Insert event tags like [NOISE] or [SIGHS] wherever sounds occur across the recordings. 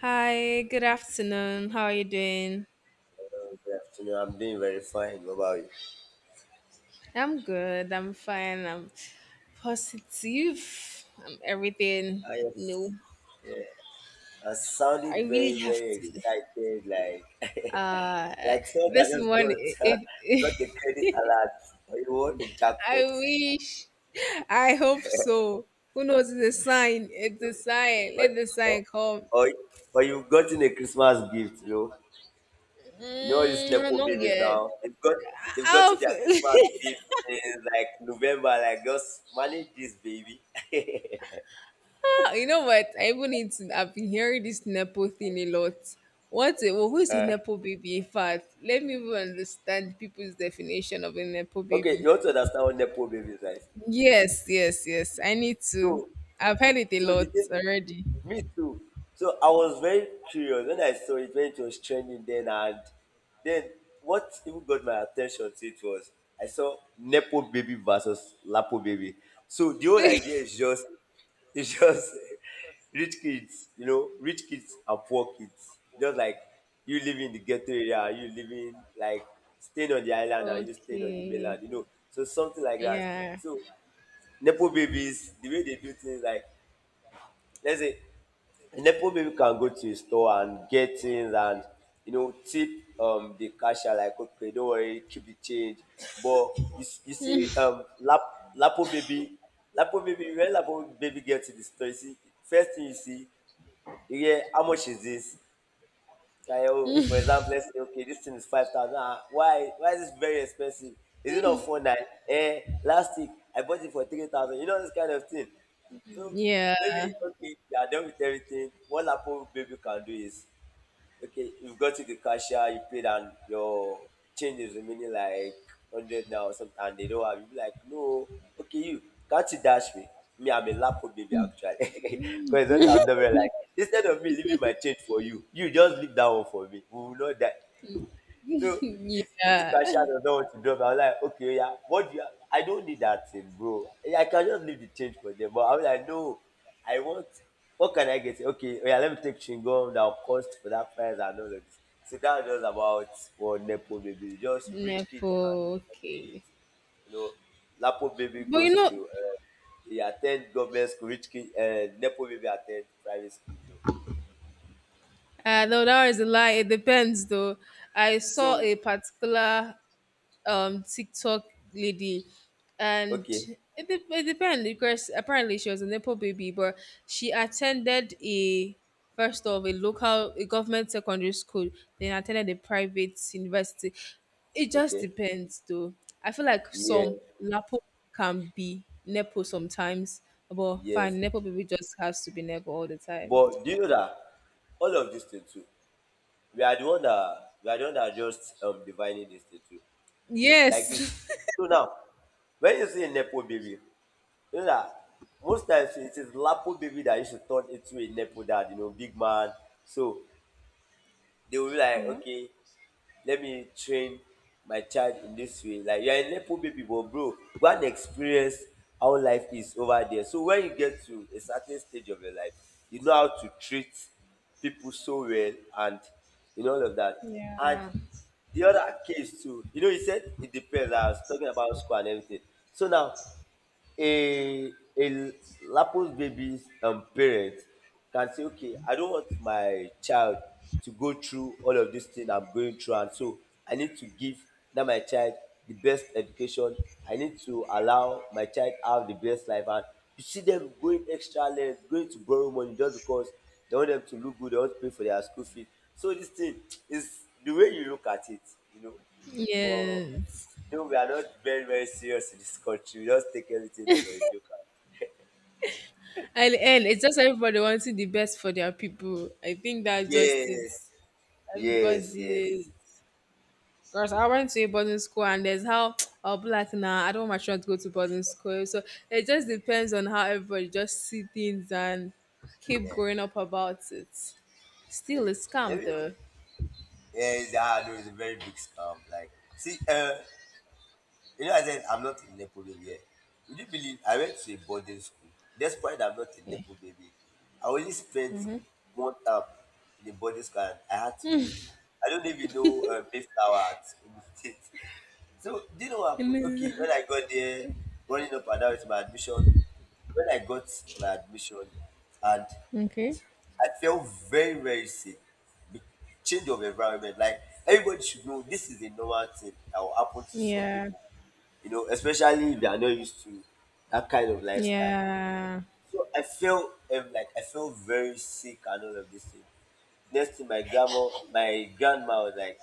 Hi, good afternoon. How are you doing? Good afternoon. I'm doing very fine. What about you? I'm good. I'm fine. I'm positive. I'm everything Ah, yes. new. Yeah. I I sounded very, really have very to. excited, like [LAUGHS] Uh, like someone that this just one, got [LAUGHS] it, got it, the credit alert, or you won the [LAUGHS] I jackpot, wish. I hope so. Who knows? It's a sign. you It's a sign. know, Let the or, or, sign come. or, or you've gotten a Christmas gift, you know. You know all these nepo Not babies yet. now. They've got they've I'll gotten their feel. Christmas [LAUGHS] gift in like November. Like just manage this baby. [LAUGHS] You know what? I even need to. I've been hearing this nepo thing a lot. Well, who is a Uh, nepo baby? In fact, let me even understand people's definition of a nepo okay, you baby. want to understand what nepo babies is like. Yes, yes, yes. I need So to. I've heard it a So the lot thing, already. me too. So I was very curious when I saw it when it was trending then, and then what even got my attention to it was I saw Nepo baby versus Lapo baby. So the whole idea is [LAUGHS] just it's just [LAUGHS] rich kids, you know, rich kids and poor kids. Just like you living in the ghetto area, you living like staying on the island and you staying on the Okay. mainland, you know. So something like that. Yeah. So Nepo babies, the way they do things like let's say a nepo baby can go to a store and get things and you know tip the cashier like, okay, don't worry, keep the change, but you see lapo baby. When lapo baby gets to the store, you see first thing you see, you hear how much is this. Like, oh, for example, let's say, okay, this thing is 5,000. Ah, why? Why is this very expensive? Is it not 4,900? Eh, last week, I bought it for 3,000. You know, this kind of thing. So maybe, Yeah. okay, you are done with everything. What Apple Baby can do is okay, you've got to the cashier, you paid, and your change is remaining like 100 now or something, and they don't have. You be like, no, okay, you can't you dash me? Me, I'm a lapo baby actually. [LAUGHS] Because that's what I'm never like. Instead of me leaving my change for you, you just leave that one for me. We will not die. So [LAUGHS] if the cashier yeah. does not want to drop, I'm like, okay, yeah, what do you? I don't need that thing, bro. Yeah, I can just leave the change for them. But I'm like, no, I want. What can I get? Okay, oh yeah, let me take chingom that will cost for that price and all of this. So that was just about what Nepo baby, just rich kid Nepo. and poor kid. Okay. You know, Lapo baby But you goes know, to he attend government school, rich kid, Nepo baby attend private school. You know, no, that is a lie. It depends, though. I saw so a particular TikTok lady, and okay, it depends because apparently she was a nepo baby, but she attended a first of a local a government secondary school, then attended a private university. It just okay, depends, though. I feel like yeah, some lapo can be nepo sometimes, but yes, fine, nepo baby just has to be nepo all the time. but do you know that all of these things too, we are the one that are just divining this thing too. Like Yes. this. [LAUGHS] So now, when you see a nepo baby, you know that most times it is lapo baby that you should turn into a nepo dad, you know, big man. So they will be like, Yeah. okay, let me train my child in this way. Like you're a nepo baby, but bro, go and experience how life is over there. So when you get to a certain stage of your life, you know how to treat people so well and you know all of that. And Yeah. the other case too, you know, he said it depends. I was talking about school and everything. So now a lapos babies parent can say, okay, I don't want my child to go through all of this thing I'm going through, and so I need to give that my child the best education. I need to allow my child have the best life, and you see them going extra length, going to borrow money just because they want them to look good, they want to pay for their school fees. So this thing is the way you look at it, you know. But Yes. no, we are not very, very serious in this country. We just take everything for a joke. At the It's just everybody wanting the best for their people. I think that's just it. Yes, yes, yes. Everybody, because I went to a boarding school and there's how [TSK] I'll be like, nah, I don't want my children to go to boarding school. So it just depends on how everybody just see things and keep growing up about it. Still a Okay. Let scam me. though. Yes, ah, no, it's a very big scam. Like, see, you know, I said I'm not a Nepo baby. Eh. Would you believe I went to a boarding school? Despite I'm not a Yeah. Nepo baby, I only spent one term in the boarding school and I had to leave. I don't even know Mayflower at Ogun State. [LAUGHS] So, do you know what happened? Okay, Mm-hmm. when I got there, running up and down with my admission, when I got my admission and [LAUGHS] okay. I felt very, very sick. Be- Change of environment. Like everybody should know this is a normal thing that will happen to some Yeah. people. You know, especially if they are not used to that kind of lifestyle. Yeah. So I felt like I felt very sick and all of this thing. Next thing my grandma was like,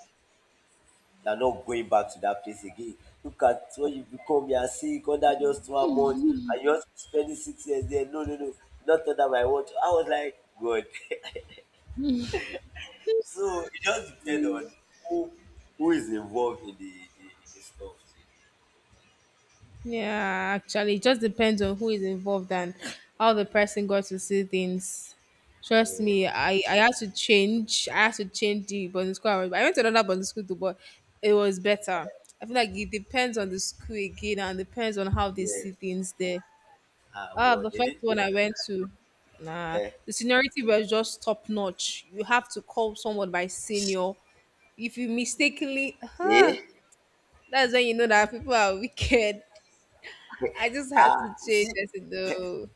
you're not going back to that place again. Look at what you become, you are sick under just 1 month, and you're spending 6 years there. No, no, no, not under my watch. I was like, God. So it just depends on who who is involved in the in the stuff. Yeah, actually, it just depends on who is involved and how the person got to see things. Trust Yeah, me, I had to change. I had to change the boarding school. I went to another boarding school too, but it was better. I feel like it depends on the school again and depends on how they see yes. things there. Ah, Ah, well, the they first did. one I went to, nah, Eh, the seniority was just top notch. You have to call someone by senior. If you mistakenly, eh? huh, that's when you know that people are wicked. I just had to Ah, you change see it though.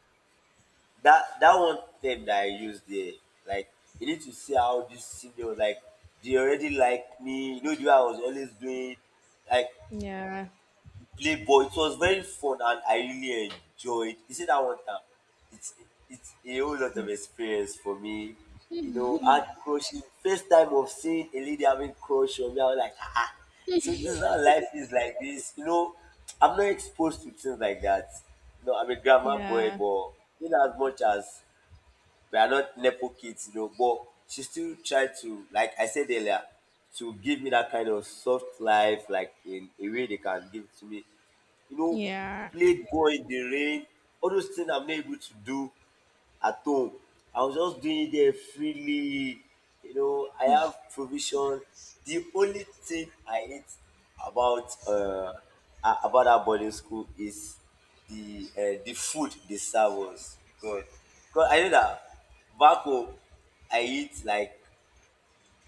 that that one term that I use there. Like you need to see how this senior like they already like me. You know, the way I was always doing. Like Yeah, Playboy. It was very fun and I really enjoyed. You see that one time, it's it's a whole lot of experience for me. You know, I had crushing first time of seeing a lady having crush on me. I was like, ah, so this is how life is like this. You know, I'm not exposed to things like that. You know, I'm a grammar boy, yeah, but in as much as we are not nepo kids, you know, but she still tried to, like I said earlier, to give me that kind of soft life, like in a way they can give it to me. You know, yeah, played ball in the rain, all those things I'm not able to do at home. I was just doing it there freely. You know, I have provision. The only thing I hate about about that boarding school is the food they serve us. God, God, I know that back home I eat like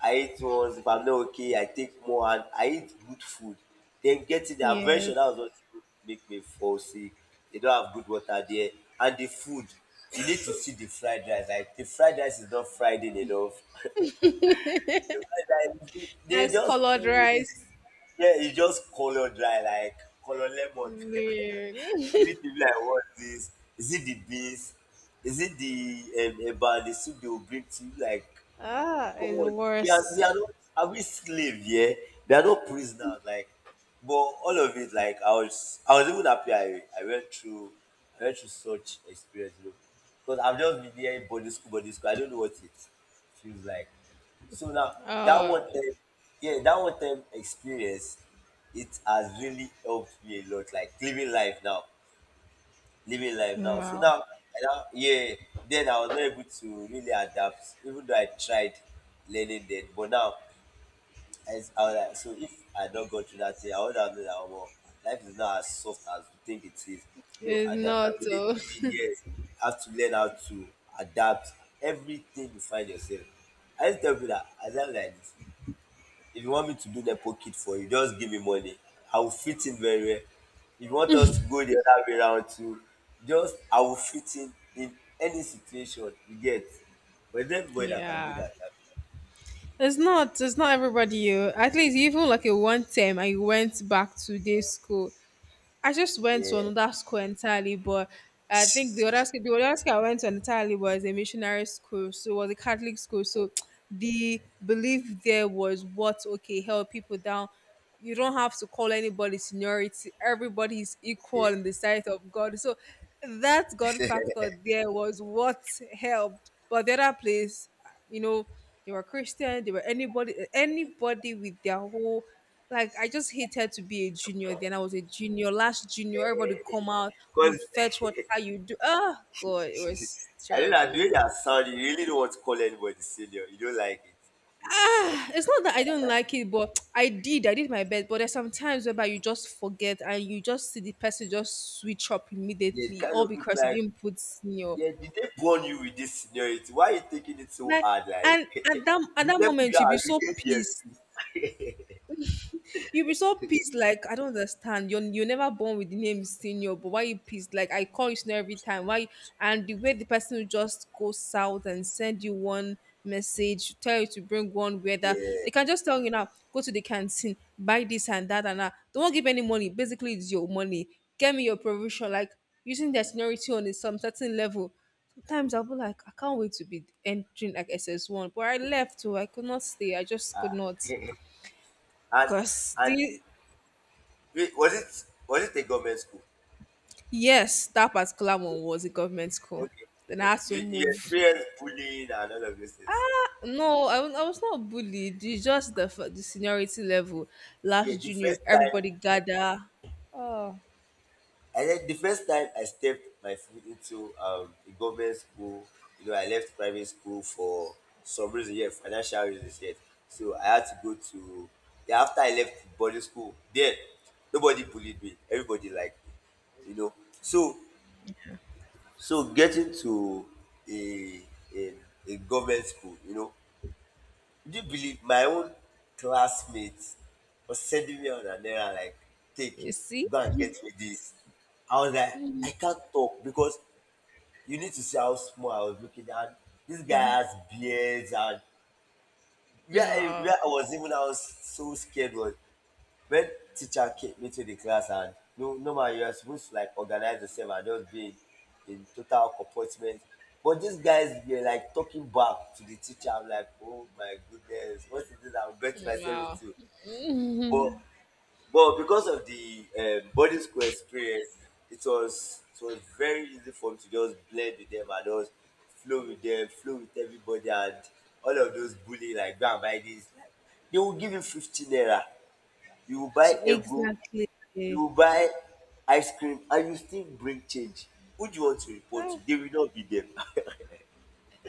I eat once. If I'm not okay, I take more and I eat good food. Then get it. I'm very sure that was yes. what make me fall sick. They don't have good water there. And the food, you need to see the fried rice. Like the fried rice is not fried in enough. [LAUGHS] Like, they Nice just colored put it. rice. Yeah, you just color dry, like color lemon. [LAUGHS] Man. You need [LAUGHS] to be like, what is this? Is it the beans? Is it the about the soup they will bring to you? Like, ah, come it's on, we worse. are not are we slave yeah? They are not prisoners like, but all of it like I was even happy I went through such experience you know, because I've just been there in body school. Body school I don't know what it feels like. So now that one Oh, time, yeah, that one time experience, it has really helped me a lot. Like living life now, living life now. So wow. now, I now yeah, then I was not able to really adapt, even though I tried learning then. But now, as I was like, so if I had not gone through that thing, I would have known that well, life is not as soft as we think it is. You know, It's not, adaptability, oh, yes, you have to learn how to adapt everything you find yourself. I just tell people that as I'm like this, if you want me to do nepo kid for you, just give me money. I will fit in very well. If you want us to go the other way round too, just I will fit in any situation you get. But there's not [LAUGHS] everybody that can do yeah. that. It's not everybody. You at least even like a one term, I went back to day school. I just went to Yeah. [LAUGHS] another school entirely, but I think the other school I went to entirely was a missionary school, so it was a Catholic school. So the belief there was what okay, help people down. You don't have to call anybody seniority. Everybody is equal Yeah. in the sight of God. So that God factor there was what helped. But the other place, you know they were christian they were anybody anybody with their whole like I just hated to be a junior then I was a junior last junior everybody come out you Because fetch what how you do oh god it was [LAUGHS] I don't know, the terrible. way that sound, you really don't want to call anybody senior. You don't like it. [SIGHS] It's not that I don't like it but i did my best but there's some times whereby you just forget and you just see the person just switch up [LAUGHS] Yeah, it immediately kind all of look because you like, didn't put senior yeah, did they born you with this seniority? Why are you taking it so like hard? Like, and at that [LAUGHS] at the that level you moment you'll be are, you so get yes. pissed. You be so pissed, like I don't understand. You're never born with the name senior, but why you pissed? Like I call you senior every time. Why? And the way the person will just go south and send you one message, tell you to bring one weather. They can just tell you now, go to the canteen, buy this and that and that. They won't give any money. Basically, it's your money. Get me your provision. Like using their seniority on a some certain level. Sometimes I'll be like, I can't wait to be entering like SS1. But I left too. I could not stay. I just could not. [LAUGHS] And Cause and the wait, was it a government school? Yes, that particular one was a government school. Okay, Then so I had to you move. experienced bullying and all of those things. No, I was not bullied. It's just the the seniority level. Yeah, Last the junior, first time everybody gather. Oh, I stepped my foot into a government school, you know, I left private school for some reason, yeah, financial reasons yet. So I had to go to, yeah, after I left boarding school, then nobody bullied me. Everybody liked me you know so so getting to a a, a government school. Do you believe my own classmates was sending me on an errand like, take, you see? go and get me this. I was like, I can't talk because you need to see how small I was looking at. This guy has beards and No, where I was even I was so scared was when teacher came into the class and no normally you're supposed to like organize yourself and just be in total comportment. But these guys were like talking back to the teacher. I'm like, oh my goodness, what is this I'm getting myself no. into? But but because of the boarding school experience, it was very easy for me to just blend with them and just flow with them, flow with everybody, and all of those bullying like go and buy this. Like, they will give you 15 naira. You will buy So ego. exactly. You buy ice cream and you still bring change. Who do you want to report to? Ah, They will not be there. [LAUGHS]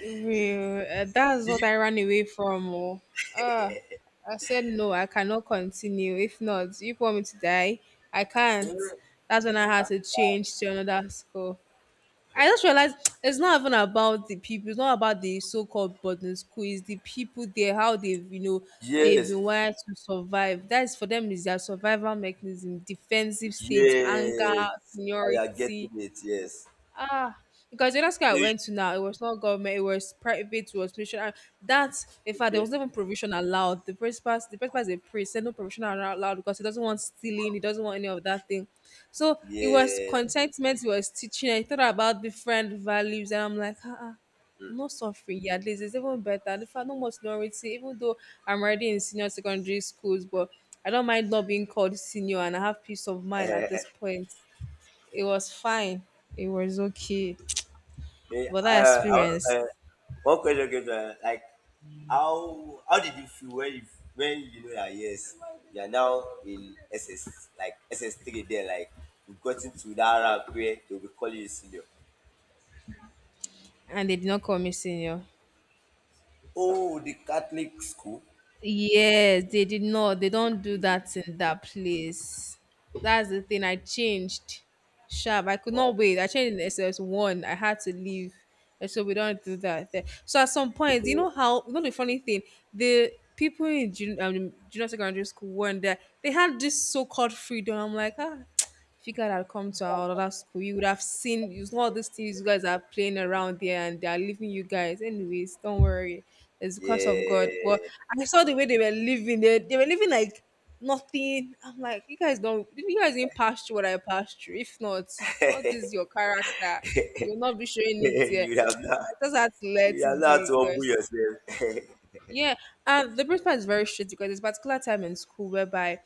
Real. That's Did you? what I ran away from. Oh. Ah, I said no. I cannot continue. If not, if you want me to die, I Eh, can't. That's when I I had can't. to change to another school. I just realized [TSK] it's not even about the people. It's not about the so-called boarding school. It's the people there, how they've they've Yes, been wired to survive. That's for them is their survival mechanism, defensive state, anger, yes. I are seniority. getting it. Yes. Ah, because the last guy So I you went to now, it was not government, it was private, it was mission. That, in fact, there okay? was no even provision allowed. The principal is a priest, said no provision are allowed because he doesn't want stealing, he doesn't want any of that thing. So it was Yeah. contentment, he was teaching, I thought about different values, and I'm like, ah, ah, Mm. I'm not suffering. Yeah, at least it's even better. And if I no more seniority, even though I'm already in senior secondary schools, but I don't mind not being called senior, and I have peace of mind at this point. It was fine. It was okay. Eh, But I, that I, want- experience, eh, One question came to mind, like how did you feel when you know that yes you are now in SS like SS three there like you've gotten to that rank where they'll be calling you senior. and they did not call me senior. Oh, the Catholic school. Yes, they did not. They don't do that in that place. That's the thing. I changed. Sharp. I could Wow. not wait. I changed in SS1. I had to leave. And so we don't do that there. So at some point, you So, know how, you know the funny thing? The people in junior secondary school weren't there. They had this so called freedom. I'm like, ah, if you guys had come to our other school, you would have seen you know all these things you guys are playing around there and they are leaving you guys. Anyways, don't worry. It's because of God. But yeah. I saw the way they were living. They were living like nothing. I'm like, you guys didn't pass through what I passed through. If not, all this is your character. You'll not be [LAUGHS] showing it here. You have [TSK] not. I just had to let You have it not be to humble because yourself. [LAUGHS] yeah, and the principal is very strict because there's a particular time in school whereby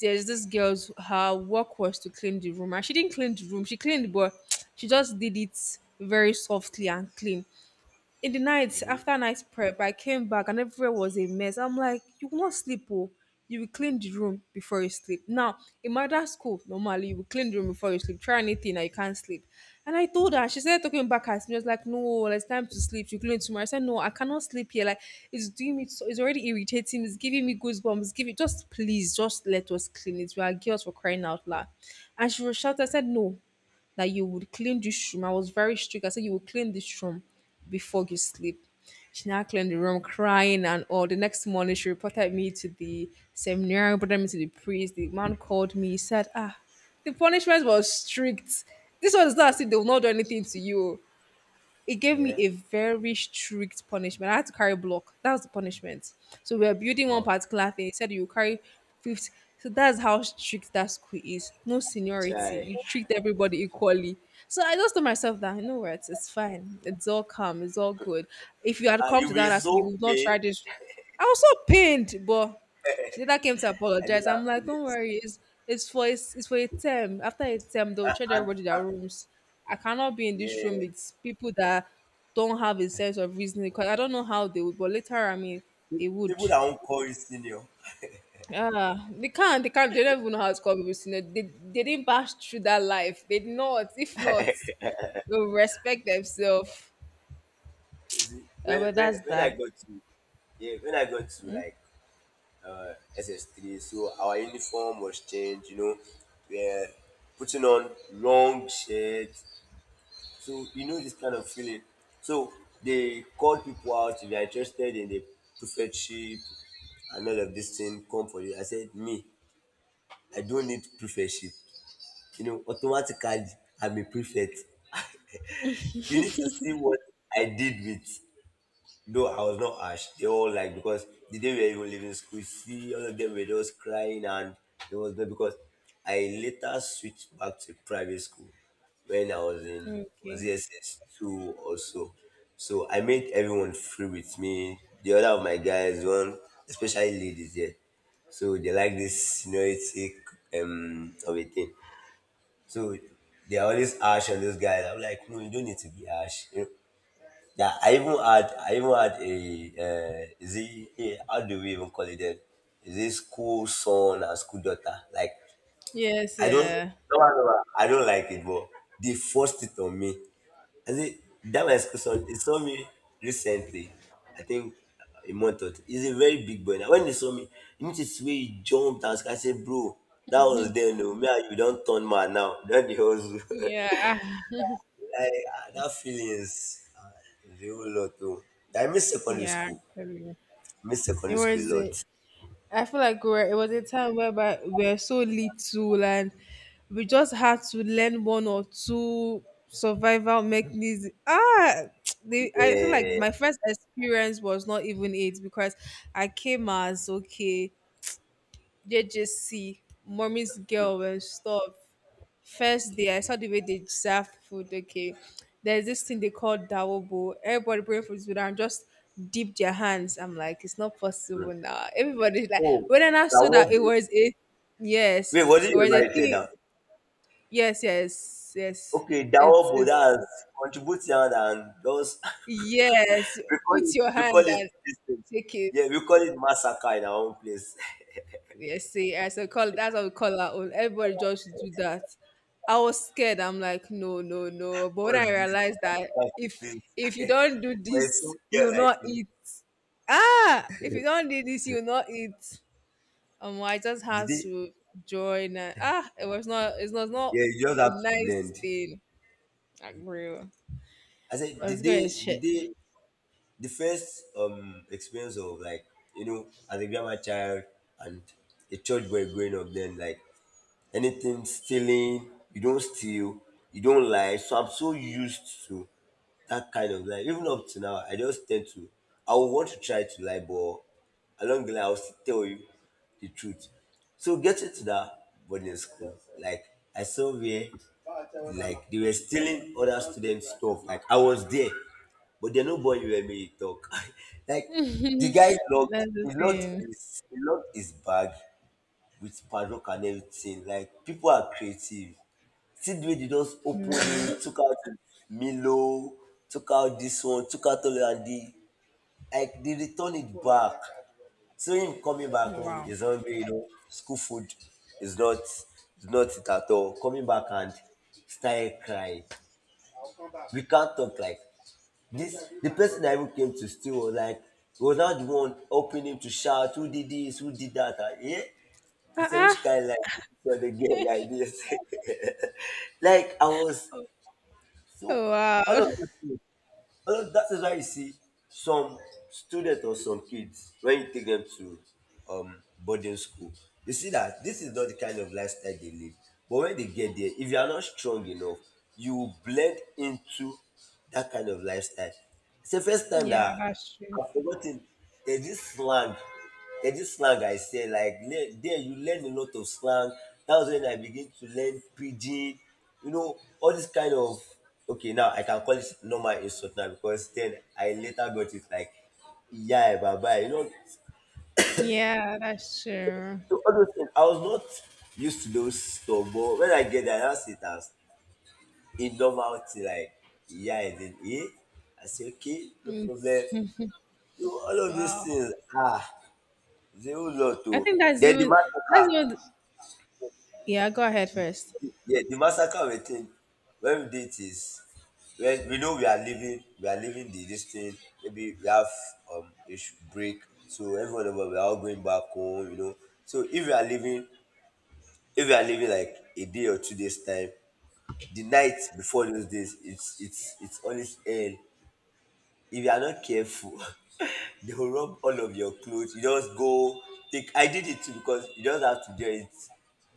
there's this girl's her work was to clean the room and she didn't clean the room she cleaned but [TSK] she just did it very softly and clean in the night after a night prep, I came back and everywhere was a mess. I'm like, you won't sleep, oh. You will clean the room before you sleep. Now, in my dad's school, normally you will clean the room before you sleep. Try anything and you can't sleep. And I told her, she started talking back at me. I was like, no, well, it's time to sleep. You clean tomorrow. I said, no, I cannot sleep here. Like, it's already irritating. It's giving me goosebumps. Give it, just please, just let us clean it. We are girls for crying out loud. And she was shouting. I said, no, that you would clean this room. I was very strict. I said you will clean this room before you sleep. She now cleaned the room, crying and all. The next morning, she reported me to the seminary, reported me to the priest. The man called me. He said, "Ah, the punishment was strict. This one is not as if they will not do anything to you it gave me Yeah. a very strict punishment. I had to carry block. That was the punishment. So we were building one Wow. particular thing. He said you carry 50. So that's how strict that school is. No seniority. Try. You treat everybody equally. So I just told myself that, you know what, it's fine. It's all calm. It's all good. If you had And come you to will that, ask you so would not pay. try this. I was so pained, but she later came to I don't apologize. I'm have like, don't feelings. worry, it's for a term. After a term, they'll charge And, everybody and their rooms. I cannot be in this room yeah, with people that don't have a sense of reasoning because I don't know how they would, but later I mean they would. people that won't call you senior. Ah, they don't even know how it's called. Because, you know, they didn't pass through that life. They did not. If not, they'll respect themselves. You see, when, But when, that's when I that. got to, yeah, when I got to like SS3 so our uniform was changed, you know, we're putting on long shirts. So you know this kind of feeling. So they call people out if they are interested in the prefectship and all of this thing come for you. I said, me, I don't need prefectship. You know, automatically I'm a prefect. You need to see what I did with, no, I was not ash. They all like because the day we were even leaving school, see all of them were just crying and there was no because I later switched back to private school when I was in, was Okay. it SS two or so. So I made everyone free with me. The other of my guys, one especially ladies there. So they like this seniority of a thing. So they are always harsh on those guys. I'm like, no, you don't need to be harsh. You know, yeah, I even had a is it how do we even call it then? Is it school son and school daughter? Like Yes, I don't, yeah. no, no, no, I don't like it, but they forced it on me. I see that my school son, he saw me recently. I think a month or two. He's a very big boy now. When he saw me, you need to see where he jumped and I said, bro, that was then. No, me and you don't turn man now. Don't the hustle. [LAUGHS] Yeah. I, that feeling is the whole lot too. I miss secondary Yeah, school. actually. I miss It secondary school a was. lot. I feel like we were, it was a time whereby we were so little and we just had to learn one or two survival mechanisms. Ah, [TSK] they, I feel like Yeah. my first experience was not even it because I came as okay, JJC, mommy's girl and stuff. First day, I saw the way they serve food. Okay, there's this thing they call dawobo. Everybody bring food to them and just dip their hands. I'm like, it's not Mm. possible now. Everybody's like, Oh, when I saw that it Dawobo. was a yes, Wait, what did it you was a write it thing. down? Yes, yes, yes. Okay, It's Dawobo, it's that's contributing and those. yes. [LAUGHS] we call Put it, your we call hand it and this thing. take it. Yeah, we call it massacre in our own place. Yes, see, as I call that's what we call our own. Everybody just do that. I was scared. I'm like, no, no, no. [LAUGHS] But when What's I this? What realized kind of that class is if you this? don't do [LAUGHS] For a this, single girl you'll like not you, eat. Ah, if you don't do this, you'll not eat. I just did had they? to join. And, ah, it was not. It's not Yeah, you just a have to blend. nice thing. Like, real. I said, But did it's good they? as Did shit. they? The first experience of like, you know, as a grammar child and a church boy growing up then, like anything stealing. You don't steal. You don't lie. So I'm so used to that kind of life. Even up to now, I just tend to. I would want to try to lie, but along the line, I'll still tell you the truth. So getting to that boarding school, like I saw where, like, they were stealing other students' stuff. Like I was there, but they nobody where me to talk. [LAUGHS] Like [LAUGHS] the guy That's locked, the thing. He locked his bag with padlock and everything. Like people are creative. See the way they just opened Real. it, [LAUGHS] took out Milo, took out this one, took out all and the, like, they return it back. So him coming back home Wow. is hungry, you know, school food is not it at all. Coming back and started crying. We can't talk, like this the person that even came to steal was like was not the one helping him to shout who did this, who did that. And, yeah, I Ah, said, ah. which kind like this for the girl like this? [LAUGHS] Like I was so all Wow. of those [LAUGHS] things. All of, that is why you see some students or some kids when you take them to boarding school, you see that this is not the kind of lifestyle they live. But when they get there, if you are not strong enough, you will blend into that kind of lifestyle. It's the first time Yeah, that that's true. I've forgotten. There's this slang. There's this slang I say like there you learn a lot of slang. That was when I begin to learn pidgin. You know all this kind of, okay, now I can call it normal insult now because then I later got it like, yeah, bye bye. You know, Yeah, that's true. so all those things I was not used to those stuff, but when I get there I now see it as a normal thing like, yeah, and then I say okay no problem. It's- [LAUGHS] You know all of those wow. things. Ah. They whole lot to. I think that's Then the even that's massacre. what yeah, go ahead first. Yeah, the massacre we think when we did is when we know we are leaving the this thing. Maybe we have a break, so everyone of us we are all going back home, you know. So if we are leaving like a day or 2 days time, the night before those days, it's always hell. If you are not careful, [LAUGHS] they will rub all of your clothes. You just go take. I did it too because you just have to do it.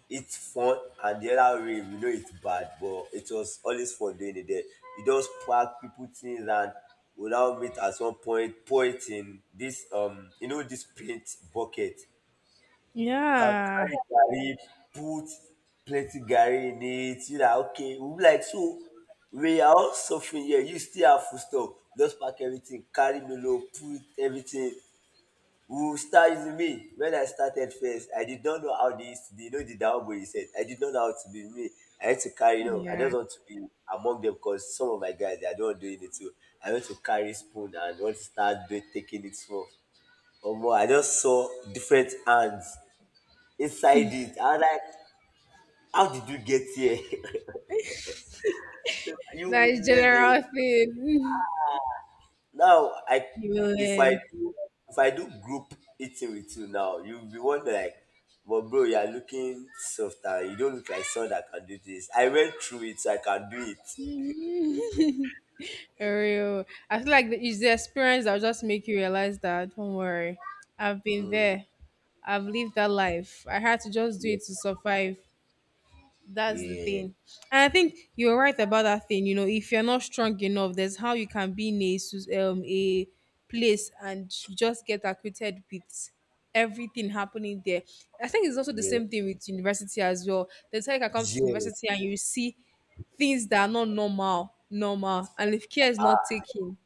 It's fun, and the other way we know it's bad, but it was always fun doing it there. You just pack people things and we'll now meet at some point, pour it in this you know, this paint bucket. Can Yeah. carry garri, put plenty garri in it. You know, okay. We'll be like, so we are all suffering here. You still have food stuff. Just pack everything, carry melo, put everything. Who started with me when I started first. I did not know how they, you know, the down boy said, I did not know how to be me. I had to carry, you know, I Yeah. just want to be among them because some of my guys they are not doing it too. I want to carry spoon and want to start doing taking it off. Or more, I just saw different hands inside it. I was like, how did you get here? [LAUGHS] So That you is learning. general thing. [LAUGHS] Now I, You will if I learn. do if I do group eating with you now, you'll be wondering like, but bro, you are looking softer. You don't look like someone that can do this. I went through it, so I can do it. For real. I feel like it's the experience that'll just make you realize that don't worry. I've been Mm. there. I've lived that life. I had to just do it to survive. That's the Yeah. thing. And I think you're right about that thing. You know, if you're not strong enough, there's how you can be in a, sus- a place and you just get acquitted with everything happening there. I think it's also the Yeah. Yeah. same thing with university as well. There's how you can come to Yes. university and you see things that are not normal, normal. And if care is not taken,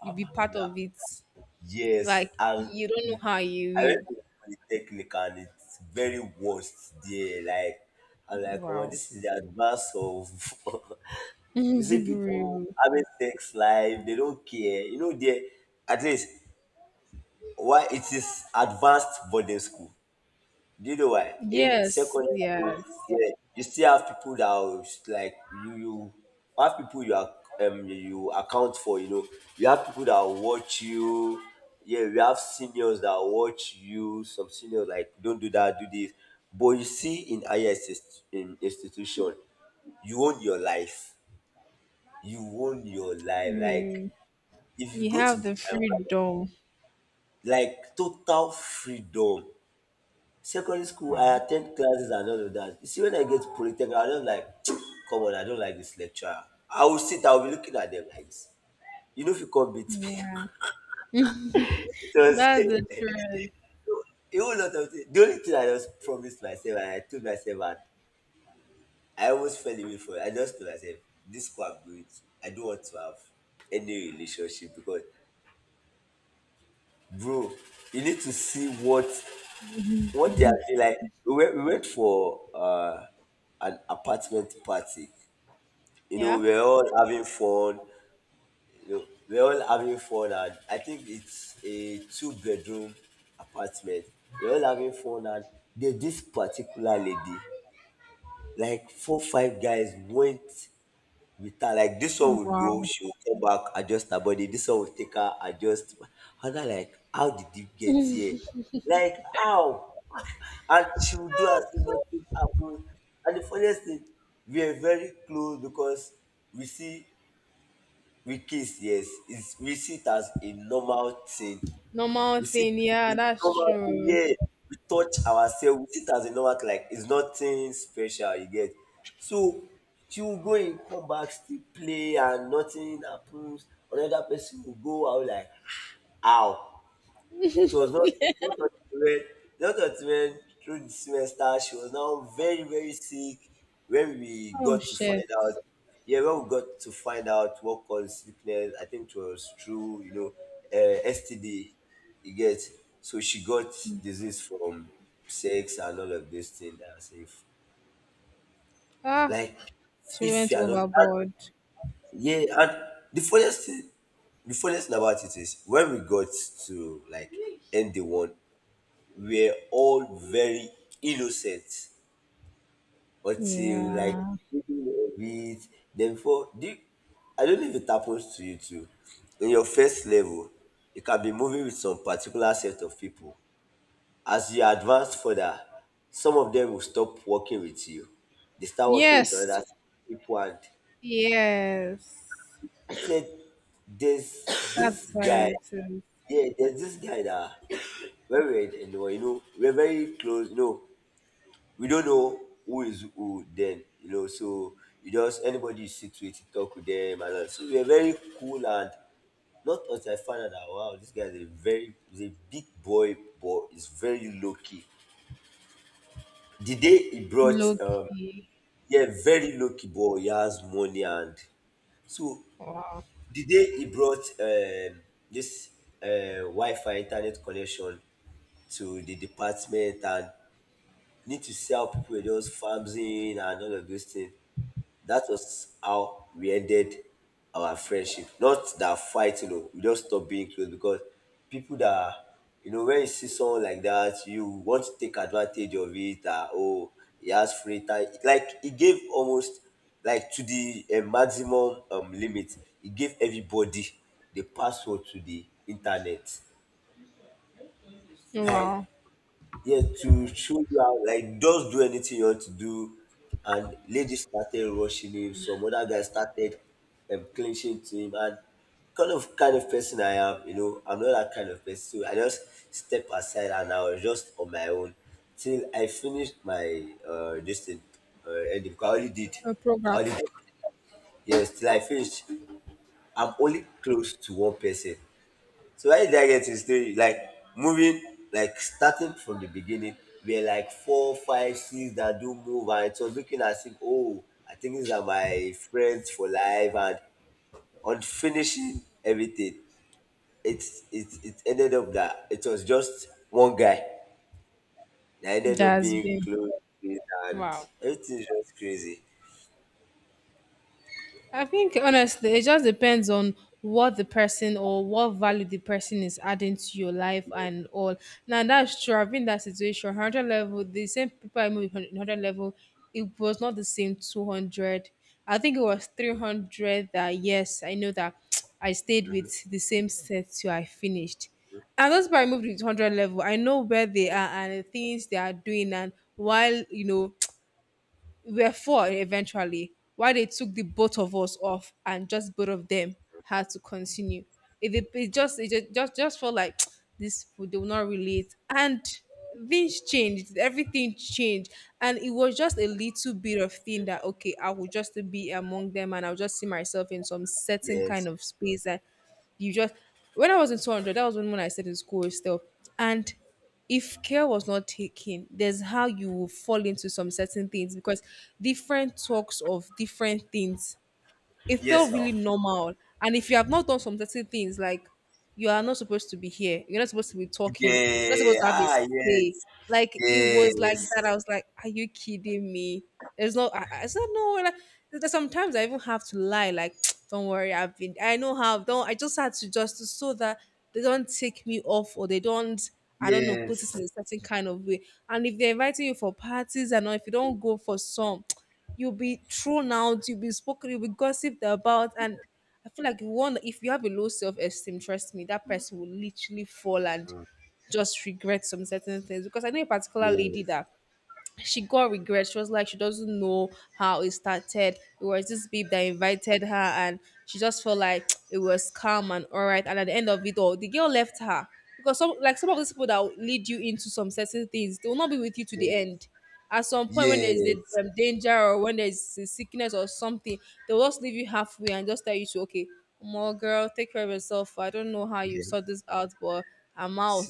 you be part Now, of it. yes, Like, and you don't know how I you went will. to polytechnic and it's very worst there. Like I'm like, oh, Wow. this is the advance of. [LAUGHS] You see people having sex life, they don't care. You know, they, at least why it is advanced boarding school. Do you know [LAUGHS] why? In yes, secondary school, yes. yeah, you still have people that are like you have people you are you account for, you know. You have people that will watch you. Yeah, we have seniors that will watch you, some seniors like don't do that, do this. But you see in in institution, you own your life, like Really. if you You go to have the, the freedom. like total freedom. Secondary school, I Wow. attend classes and all of that. You see when I get polytechnic, I don't like, [TSK] come on, I don't like this lecturer. I will sit, I will be looking at them like this, you know, if you come beat me. Yeah. [LAUGHS] It was That's the [LAUGHS] truth. a whole lot of things. The only thing, I just promised myself and I told myself, and I almost fell away from it. I just told myself this school I'm going to, I don't want to have any relationship, because bro, you need to see what. One day, I feel like we went for an apartment party. You know, Yeah. we're all having fun. You know, we're all having fun, and I think it's a two-bedroom apartment. We're all having fun, and there's this particular lady. Like four, five guys went. We can like, this one would go, Wow. she will come back, adjust her body. This one will take her, adjust. Other like, how did you get here? Like how? [LAUGHS] And she will do as if nothing happened. And the funniest thing, we are very close because we see, we kiss. Yes, it's, we see it as a normal thing. Normal We see it thing. as Yeah, a that's normal thing, true. yeah. We touch ourselves, we see it as a normal thing, like it's nothing special, you get. So she will go in, come back, still play, and nothing happens. Another person will go out like, how? It was not until when through the semester she was now very very sick. When we Oh got to shit. find out, yeah, when we got to find out what caused sickness, I think it was through STD. You get, so she got disease from sex and all of this thing. That I was, if Ah, like, she if went you are not, overboard. yeah, and the funniest thing, about it is when we got to like end, the one were all very innocent until like Yeah. middle of it. Then for, I don't know if it happens to you too. In your first level, you can be moving with some particular set of people. As you advance further, some of them will stop working with you. They start working with Yes. other people, and Yes. I said there's this That's why guy, it is. yeah, there's this guy that when we were in, you know, we're very close, you know, we don't know who is who then, you know. So you just, anybody you sit with, you talk with them, and all. So we are very cool. And not until I found out that wow, this guy is a very, he's a big boy, but he's very low key. The day he brought, Loki. yeah, very low key boy, he has money, and so the day he brought this Wi-Fi internet connection to the department, and need to sell, people were just farming and all of those things. That was how we ended our friendship. Not that fight, you know, we just stopped being close because people that, you know, when you see someone like that, you want to take advantage of it. That oh, he has free time. Like he gave almost like to the maximum limit. He gave everybody the password to the internet. Like, Wow. yes, to show you how, like, just do anything you want to do. And ladies started rushing him. Some other guys started clinching to him. And kind of person I am, you know, I'm not that kind of person. So I just step aside and I was just on my own till I finished my distance, ending. 'Cause I only did, A I program only did. Yes, till I finished. I'm only close to one person. So why did I get to the story? Like moving, like starting from the beginning, we are like four, five, six that do move, and it was looking as if, oh, I think these are my friends for life, and on finishing everything, it it ended up that it was just one guy that ended up that's being been close with, and wow. everything is just crazy. I think honestly, it just depends on what the person or what value the person is adding to your life and all. Now that's true. I've been in that situation. Hundred level, the same people I moved with hundred level, it was not the same 200. I think it was 300. That yes, I know that [TSK] I stayed with the same set till I finished. And those people I moved with hundred level, I know where they are and the things they are doing and while you know we were four eventually, why they took the both of us off and just both of them had to continue. It just it ju- just felt like [TSK] this people they will not relate. And things changed, everything changed. And it was just a little bit of thing that okay, I will just be among them and I'll just see myself in some certain Yes, kind of space that you just when I was in 200, that was when I said in school still. And if care was not taken, there's how you will fall into some certain things because different talks of different things it yes, felt now, really normal. And if you have not done some certain things, like you are not supposed to be here, you're not supposed to be talking, you're not yeah, supposed to have a ah, yes, say. Like it was like yes, that. I was like, are you kidding me? There's no. I said no. Like, there's sometimes I even have to lie. Like, [TSK] don't worry, I've been. I know how. Don't. I just had to just so that they don't take me off or they don't. I don't know. Put it yes, in a certain kind of way. And if they're inviting you for parties and all, if you don't go for some. [TSK] You'll be thrown out, you'll be spoken, you'll be gossiped about. And I feel like you want if you have a low self-esteem, trust me, that person will literally fall and just regret some certain things. Because I know a particular lady yes, that she got regret. She was like, she doesn't know how it started. It was this babe that invited her, and she just felt like [TSK] it was calm and all right. And at the end of it all, the girl left her because some like some of these people that will lead you into some certain things, they will not be with you to the end. yes. At some point, when there is a Yes. Danger or when there is a sickness or something, they will just leave you halfway and just tell you to okay, more girl, take care of yourself. I don't know how you Yes. sort this out, but I'm out,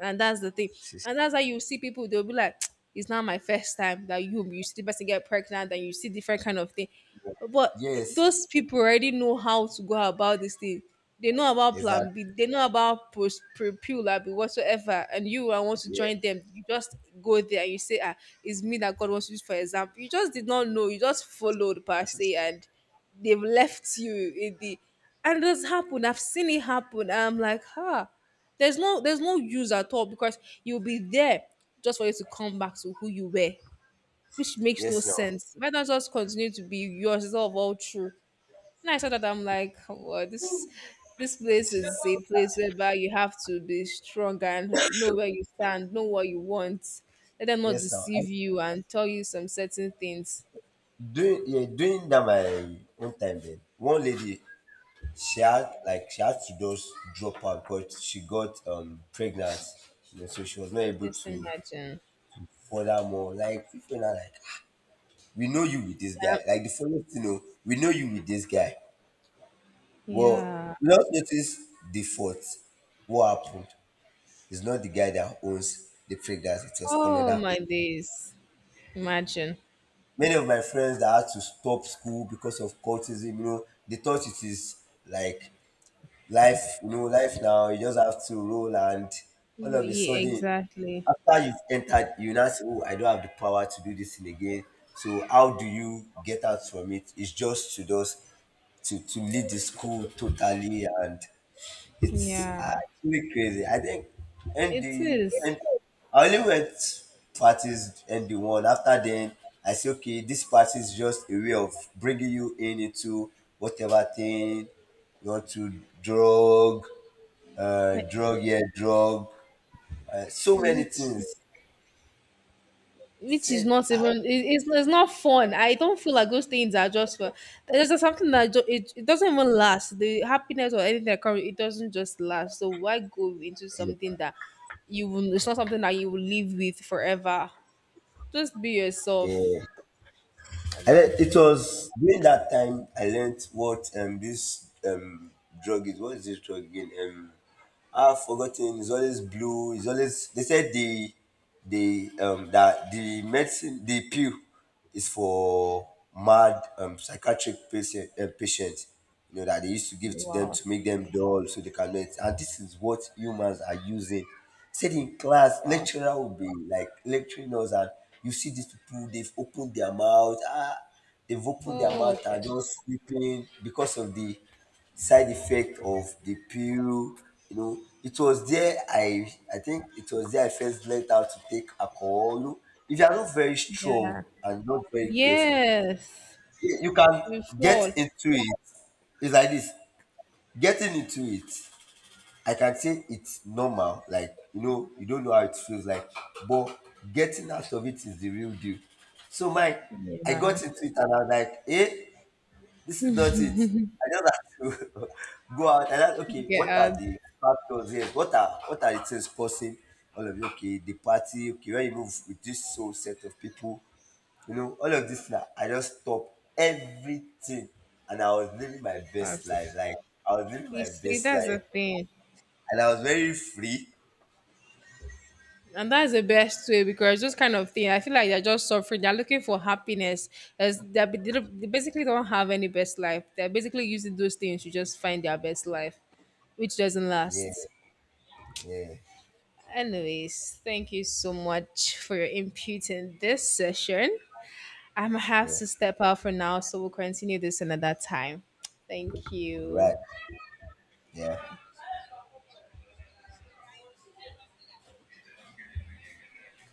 and that's the thing, and [LAUGHS] that's how you see people they'll be like [TSK] it's not my first time that you see the person get pregnant and you see different kind of thing but Yes. those people already know how to go about this thing. They know about plan b, Exactly. they know about post prepula whatsoever, and you I want to Yeah. join them, you just go there and you say ah it's me that god wants to use for example. You just did not know, you just followed per se, and they've left you in the and it has happened. I've seen it happen. I'm like ha, there's no, there's no use at all because you'll be there just for you to come back to who you were, which makes no Yes. No, sense. Why not just continue to be yourself all through? And I saw that I'm like, "Oh, well, this place is a place whereby you have to be strong and know where you stand, know what you want. Let them not yes. Now. I, deceive you and tell you some certain things. during, yeah, during that my own time then, one lady, she had like, she had to just drop out because she got pregnant, you know, so she was not able Just to imagine. further more. Like people now like, "Ah, we know you with this guy, Yeah. like the following, you know, we know you with this guy." Well, Yeah. we just notice the fault, what happened. It's not the guy that owns the fragrance, it was Oh another my person. days. Imagine. Many of my friends that had to stop school because of cultism, you know, they thought it is like life, you know, life now, you just have to roll. And all of a Yeah, sudden, exactly. after you've entered, you now say, oh, I don't have the power to do this thing again. So how do you get out from it? It's just to lead the school totally. And it's Yeah. actually crazy. I think It ND, is, and I only went parties ND one. After then, I say okay, this party is just a way of bringing you in into whatever thing. You want to drug, like, drug, so many which things. which is Said not ah, even it, it's not fun. I don't feel like those things are just for. There's just something that ju- it doesn't even last. The happiness or anything that comes, it doesn't just last. So why go into something that you will? It's not something that you will live with forever. Just be yeah, yourself. Ever. It was during that time I learned what this drug is. What is this drug again? I've forgotten. It's always blue. It's always. They said the that the medicine, the pill is for mad, psychiatric patients. You know that they used to give to them Wow. to make them dull so they can learn. And this is what humans are using, said in class, Wow. lecturer will be like lecturing us, and you see these people, they've opened their mouth, ah, they've opened their Oh mouth and shit. just sleeping because of the side effect of the pill. You know, it was there I think it was there I first learned how to take alcohol. You know, if you are not very strong Yeah. and not very careful, Yes. you can We get fall. into it. It's like this, getting into it. I can say it's normal, like you know, you don't know how it feels like, but getting out of it is the real deal. So my, I Yeah. got into it and I was like, eh, this is not it. I just have to [LAUGHS] go out. And I, like, okay, Get what are out the factors here? What are the things causing all of you? Okay, the party, okay, when you move with this whole set of people, you know, all of this, now I just stopped everything and I was living my best fast. life. Like I was living You my see, best that's life the thing. and I was very free. And that's the best way because those kind of thing, I feel like they're just suffering. They're looking for happiness. As they're, they don't- they basically don't have any best life. They're basically using those things to just find their best life, which doesn't Yeah, last. yeah, Anyways, thank you so much for your input in this session. I'm gonna have yeah. to step out for now, so we'll continue this another time. Thank Right. you. Yeah.